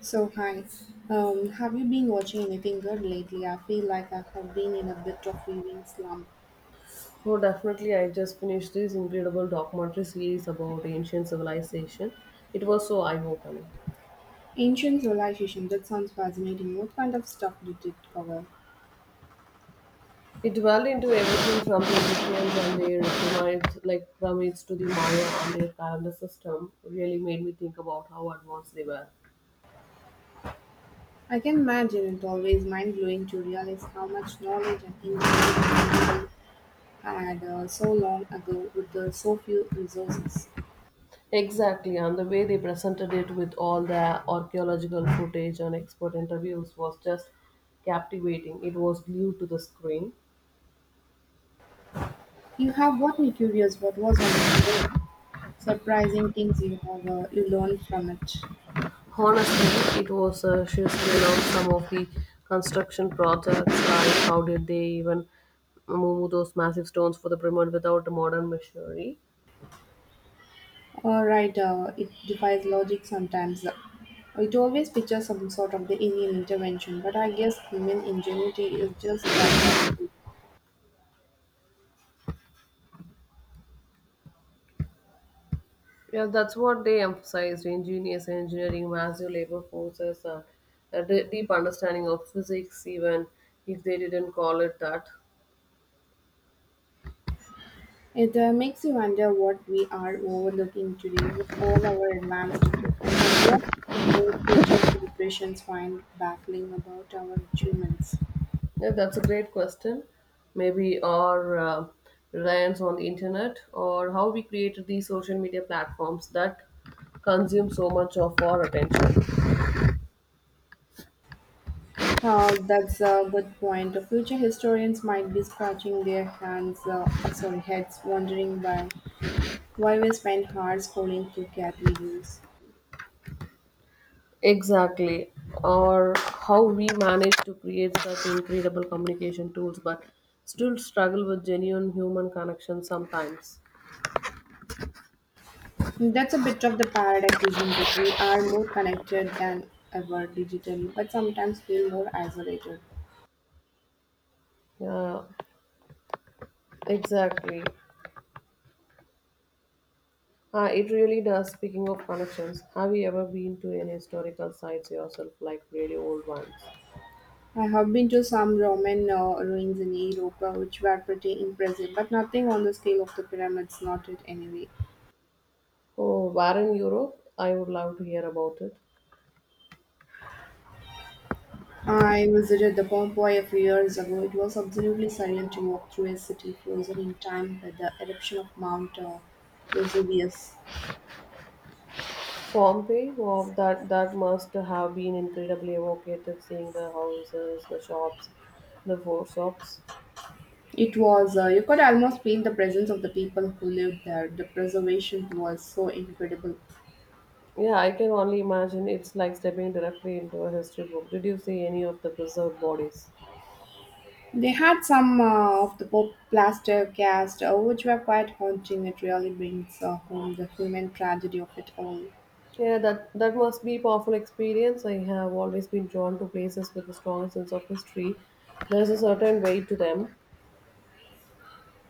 So, hi. Have you been watching anything good lately? I feel like I have been in a bit of viewing slump. Oh, definitely. I just finished this incredible documentary series about ancient civilization. It was so eye-opening. Ancient civilization, that sounds fascinating. What kind of stuff did it cover? It delved into everything from the Egyptians and their pyramids, like pyramids, to the Maya and their calendar system. Really made me think about how advanced they were. I can imagine it's always mind blowing to realize how much knowledge and ingenuity people had so long ago with so few resources. Exactly, and the way they presented it with all the archaeological footage and expert interviews was just captivating. It was glued to the screen. You have got me curious what was one of the most surprising things you have you learned from it. Honestly, it was a sheer scale of some of the construction projects. Like, how did they even move those massive stones for the pyramid without a modern machinery? Right, it defies logic sometimes. It always pictures some sort of the alien intervention, but I guess human ingenuity is just that powerful. Yeah, that's what they emphasized: ingenious engineering, massive labor forces, and a deep understanding of physics, even if they didn't call it that. It makes you wonder what we are overlooking today with all our advanced tech, or what will future generations find baffling about our achievements. Yeah, that's a great question. Maybe our reliance on the internet or how we created these social media platforms that consume so much of our attention. That's a good point. The future historians might be scratching their hands, sorry, heads, wondering why we spend hours scrolling through cat videos. Exactly. Or how we manage to create such incredible communication tools but still struggle with genuine human connection sometimes. That's a bit of the paradox, isn't it? We are more connected than ever digitally, but sometimes feel more isolated. Yeah, exactly. It really does. Speaking of connections, have you ever been to any historical sites yourself, like really old ones? I have been to some Roman ruins in Europe, which were pretty impressive, but nothing on the scale of the pyramids, not it anyway. Oh, where Europe? I would love to hear about it. I visited the Pompeii a few years ago. It was absolutely surreal to walk through a city frozen in time with the eruption of Mount Vesuvius. Pompeii, wow, that must have been incredibly evocative. Seeing the houses, the shops, the four shops. It was. You could almost feel the presence of the people who lived there. The preservation was so incredible. Yeah, I can only imagine. It's like stepping directly into a history book. Did you see any of the preserved bodies? They had some of the pop plaster cast, which were quite haunting. It really brings home the human tragedy of it all. Yeah, that must be a powerful experience. I have always been drawn to places with a strong sense of history. There's a certain weight to them.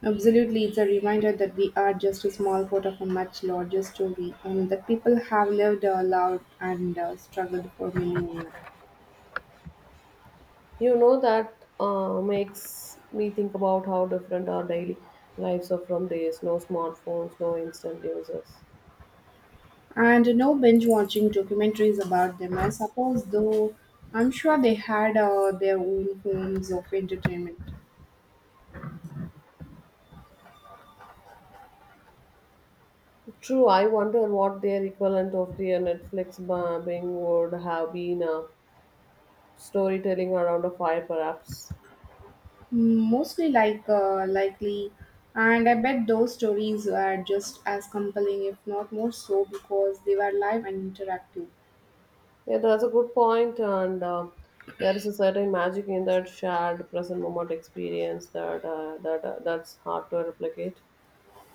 Absolutely, it's a reminder that we are just a small part of a much larger story, and that people have lived, loved, and struggled for millennia. You know, that makes me think about how different our daily lives are from days. No smartphones, no instant users. And no binge watching documentaries about them, I suppose, though I'm sure they had their own forms of entertainment. True, I wonder what their equivalent of the Netflix bombing would have been storytelling around a fire, perhaps. Mostly likely, and I bet those stories were just as compelling, if not more so, because they were live and interactive. Yeah, that's a good point, and there is a certain magic in that shared present moment experience that's hard to replicate.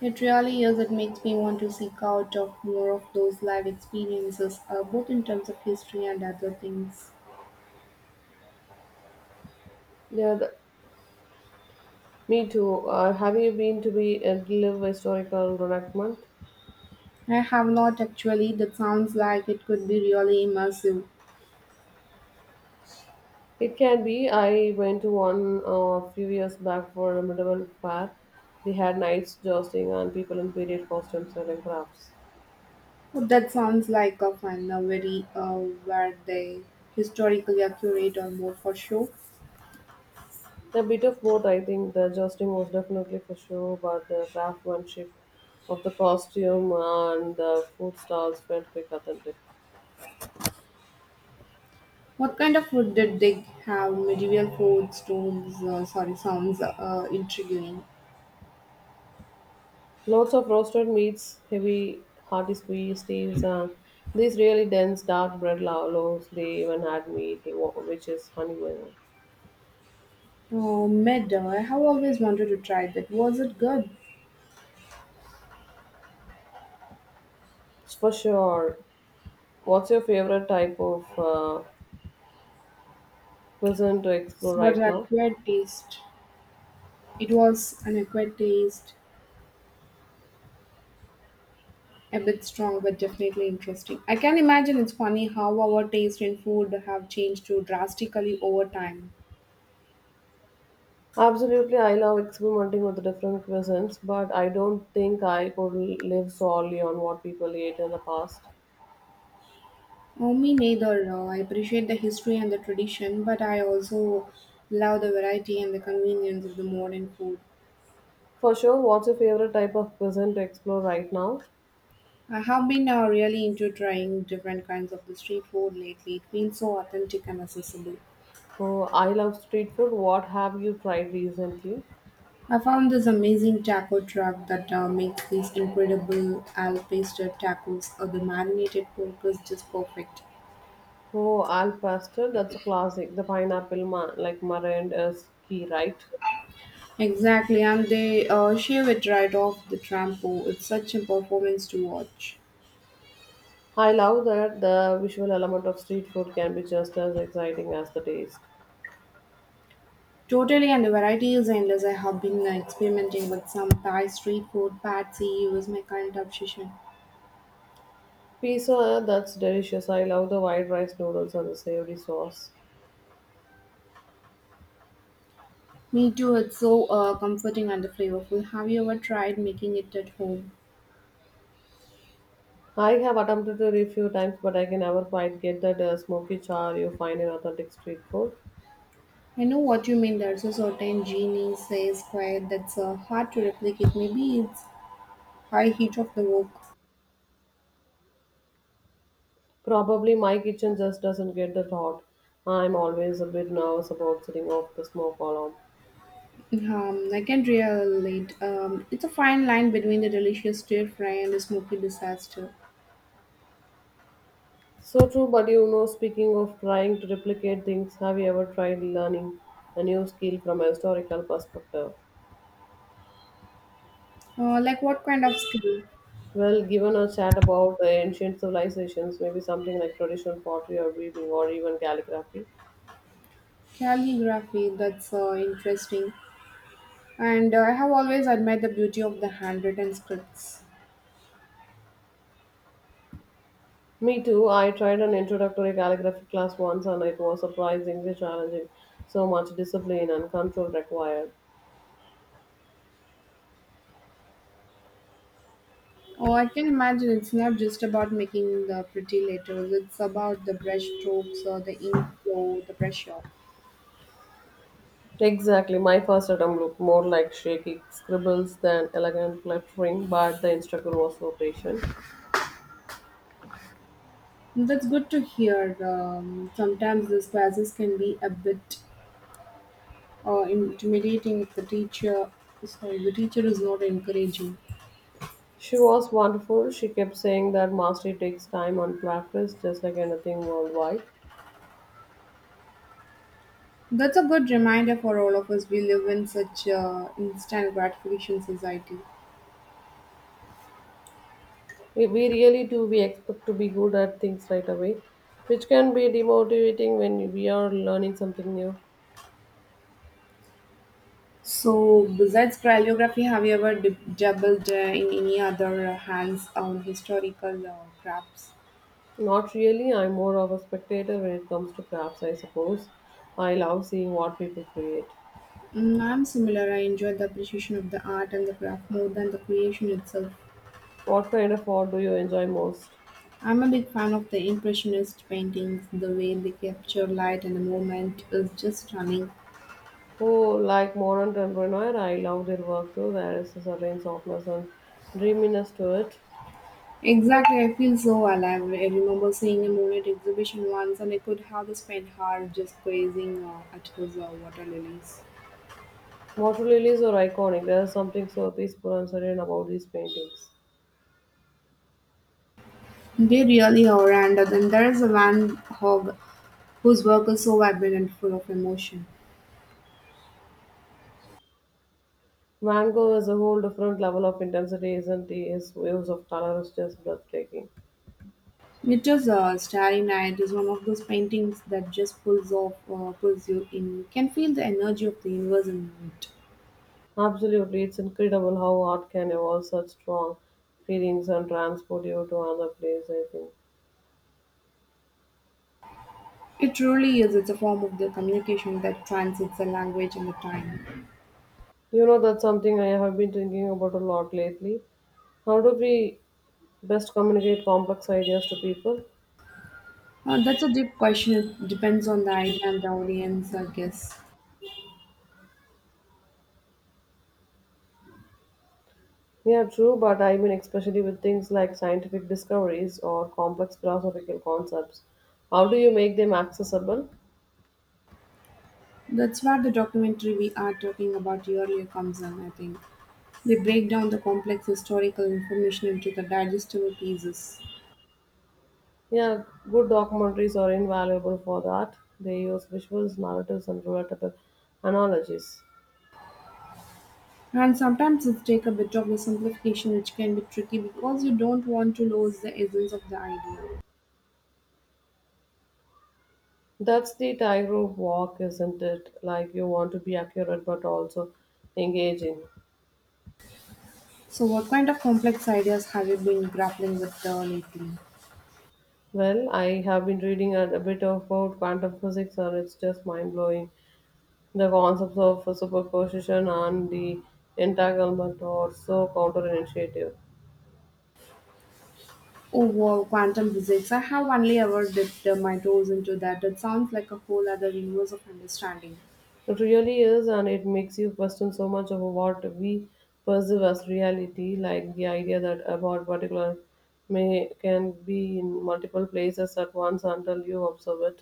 It really is. It makes me want to seek out of more of those live experiences, both in terms of history and other things. Yeah, me too. Have you been to be live historical reenactment? I have not actually. That sounds like it could be really immersive. It can be. I went to one a few years back for a medieval fair. They had knights jousting and people in period costumes and crafts. But that sounds like a fun, a very were they historically accurate or more for show? A bit of both, I think. The jousting was definitely for show, but the craftsmanship of the costume and the food stalls felt very authentic. What kind of food did they have? Medieval food, stones, sorry, sounds intriguing. Lots of roasted meats, heavy, hearty squeeze steaks, and these really dense, dark bread loaves. They even had meat, which is honey. Well, Oh, medal. I have always wanted to try that. Was it good? for sure. What's your favorite type of cuisine to explore What right an now? acquired taste. It was an acquired taste, a bit strong, but definitely interesting. I can imagine it's funny how our taste in food have changed so drastically over time. Absolutely, I love experimenting with different cuisines, but I don't think I could live solely on what people ate in the past. Oh, me neither. I appreciate the history and the tradition, but I also love the variety and the convenience of the modern food. For sure, what's your favorite type of cuisine to explore right now? I have been really into trying different kinds of the street food lately. It feels so authentic and accessible. Oh, I love street food. What have you tried recently? I found this amazing taco truck that makes these incredible al pastor tacos. The marinated pork is just perfect. Oh, al pastel, that's a classic. The pineapple, like meringue, is key, right? Exactly, and they shave it right off the trampo. It's such a performance to watch. I love that the visual element of street food can be just as exciting as the taste. Totally, and the variety is endless. I have been experimenting with some Thai street food. Patsy was my current obsession. Pizza, that's delicious. I love the white rice noodles and the savory sauce. Me too, it's so comforting and flavorful. Have you ever tried making it at home? I have attempted it a few times, but I can never quite get that smoky char you find in authentic street food. I know what you mean. There's a certain genie says quiet that's hard to replicate. Maybe it's high heat of the wok. Probably my kitchen just doesn't get that hot. I'm always a bit nervous about setting off the smoke alarm. I can relate. It's a fine line between the delicious stir fry and the smoky disaster. So true, but you know, speaking of trying to replicate things, have you ever tried learning a new skill from a historical perspective? Like what kind of skill? Well, given a chat about ancient civilizations, maybe something like traditional pottery or weaving or even calligraphy. Calligraphy. That's interesting. And I have always admired the beauty of the handwritten scripts. Me too. I tried an introductory calligraphy class once and it was surprisingly challenging. So much discipline and control required. Oh, I can imagine it's not just about making the pretty letters, it's about the brush strokes, the ink flow, the pressure. Exactly. My first attempt looked more like shaky scribbles than elegant lettering, but the instructor was so patient. That's good to hear. Sometimes these classes can be a bit intimidating if the teacher, sorry, the teacher is not encouraging. She was wonderful. She kept saying that mastery takes time and practice, just like anything worldwide. That's a good reminder for all of us. We live in such instant gratification society. We really do. We expect to be good at things right away, which can be demotivating when we are learning something new. So, besides calligraphy, have you ever dabbled in any other hands-on historical crafts? Not really. I'm more of a spectator when it comes to crafts, I suppose. I love seeing what people create. Mm, I'm similar. I enjoy the appreciation of the art and the craft more than the creation itself. What kind of art do you enjoy most? I'm a big fan of the Impressionist paintings. The way they capture light and the moment is just stunning. Oh, like modern entrepreneur, I love their work too. There is a certain softness and dreaminess to it. Exactly, I feel so alive. I remember seeing a Monet exhibition once, and I could have the spent hours just gazing at his water lilies. Water lilies are iconic. There is something so peaceful and serene about these paintings. They really are, and then there is a Van Gogh whose work is so vibrant and full of emotion. Mango is a whole different level of intensity, isn't it? His waves of color is just breathtaking. Nietzsche's Starry Night is one of those paintings that just pulls you in. You can feel the energy of the universe in it. Absolutely, it's incredible how art can evoke such strong feelings and transport you to another place, I think. It truly is. It's a form of the communication that transcends the language and the time. You know, that's something I have been thinking about a lot lately. How do we best communicate complex ideas to people? That's a deep question. It depends on the idea and the audience, I guess. Yeah, true, but I mean, especially with things like scientific discoveries or complex philosophical concepts, how do you make them accessible? That's where the documentary we are talking about earlier comes in, I think. They break down the complex historical information into the digestible pieces. Yeah, good documentaries are invaluable for that. They use visuals, narratives, and relatable analogies. And sometimes it's take a bit of the simplification which can be tricky because you don't want to lose the essence of the idea. That's the tightrope walk, isn't it? Like you want to be accurate but also engaging. So what kind of complex ideas have you been grappling with lately? Well, I have been reading a bit about quantum physics, and it's just mind blowing. The concepts of superposition and the entanglement are so counterintuitive. Oh, wow, quantum physics. I have only ever dipped my toes into that. It sounds like a whole other universe of understanding. It really is, and it makes you question so much of what we perceive as reality, like the idea that about particular may can be in multiple places at once until you observe it.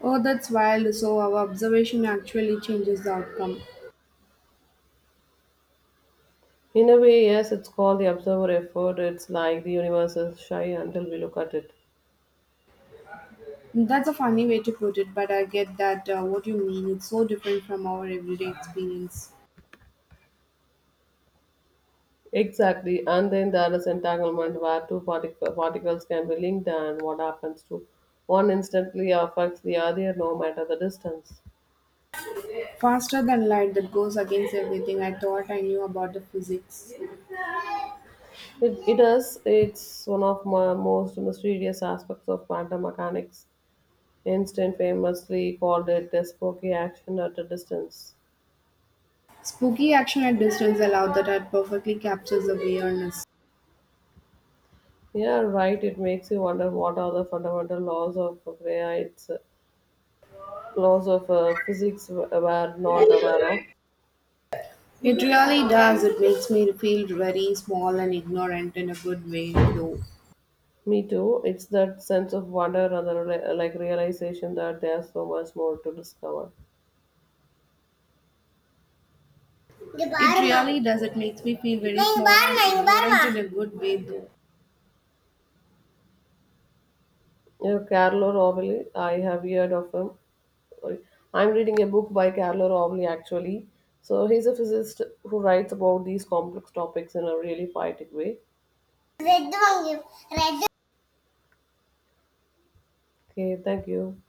Oh, that's wild. So our observation actually changes the outcome. In a way, yes, it's called the observer effort. It's like the universe is shy until we look at it. That's a funny way to put it, but I get that what you mean. It's so different from our everyday experience. Exactly, and then there is entanglement where two particles can be linked, and what happens to one instantly affects the other no matter the distance. Faster than light that goes against everything I thought I knew about the physics. It is. It's one of my most mysterious aspects of quantum mechanics. Einstein famously called it a spooky action at a distance. Spooky action at distance allowed that art perfectly captures the weirdness. Yeah, right. It makes you wonder what are the fundamental laws of physics are not aware of. It really does. It makes me feel very small and ignorant in a good way, though. Me too. It's that sense of wonder and the like realization that there's so much more to discover. It really does. It makes me feel very small and ignorant in a good way, though. Yeah, Carlo Rovelli, I have heard of him. Sorry. I'm reading a book by Carlo Rovelli actually. So he's a physicist who writes about these complex topics in a really poetic way. Red வாங்கி red Okay, thank you.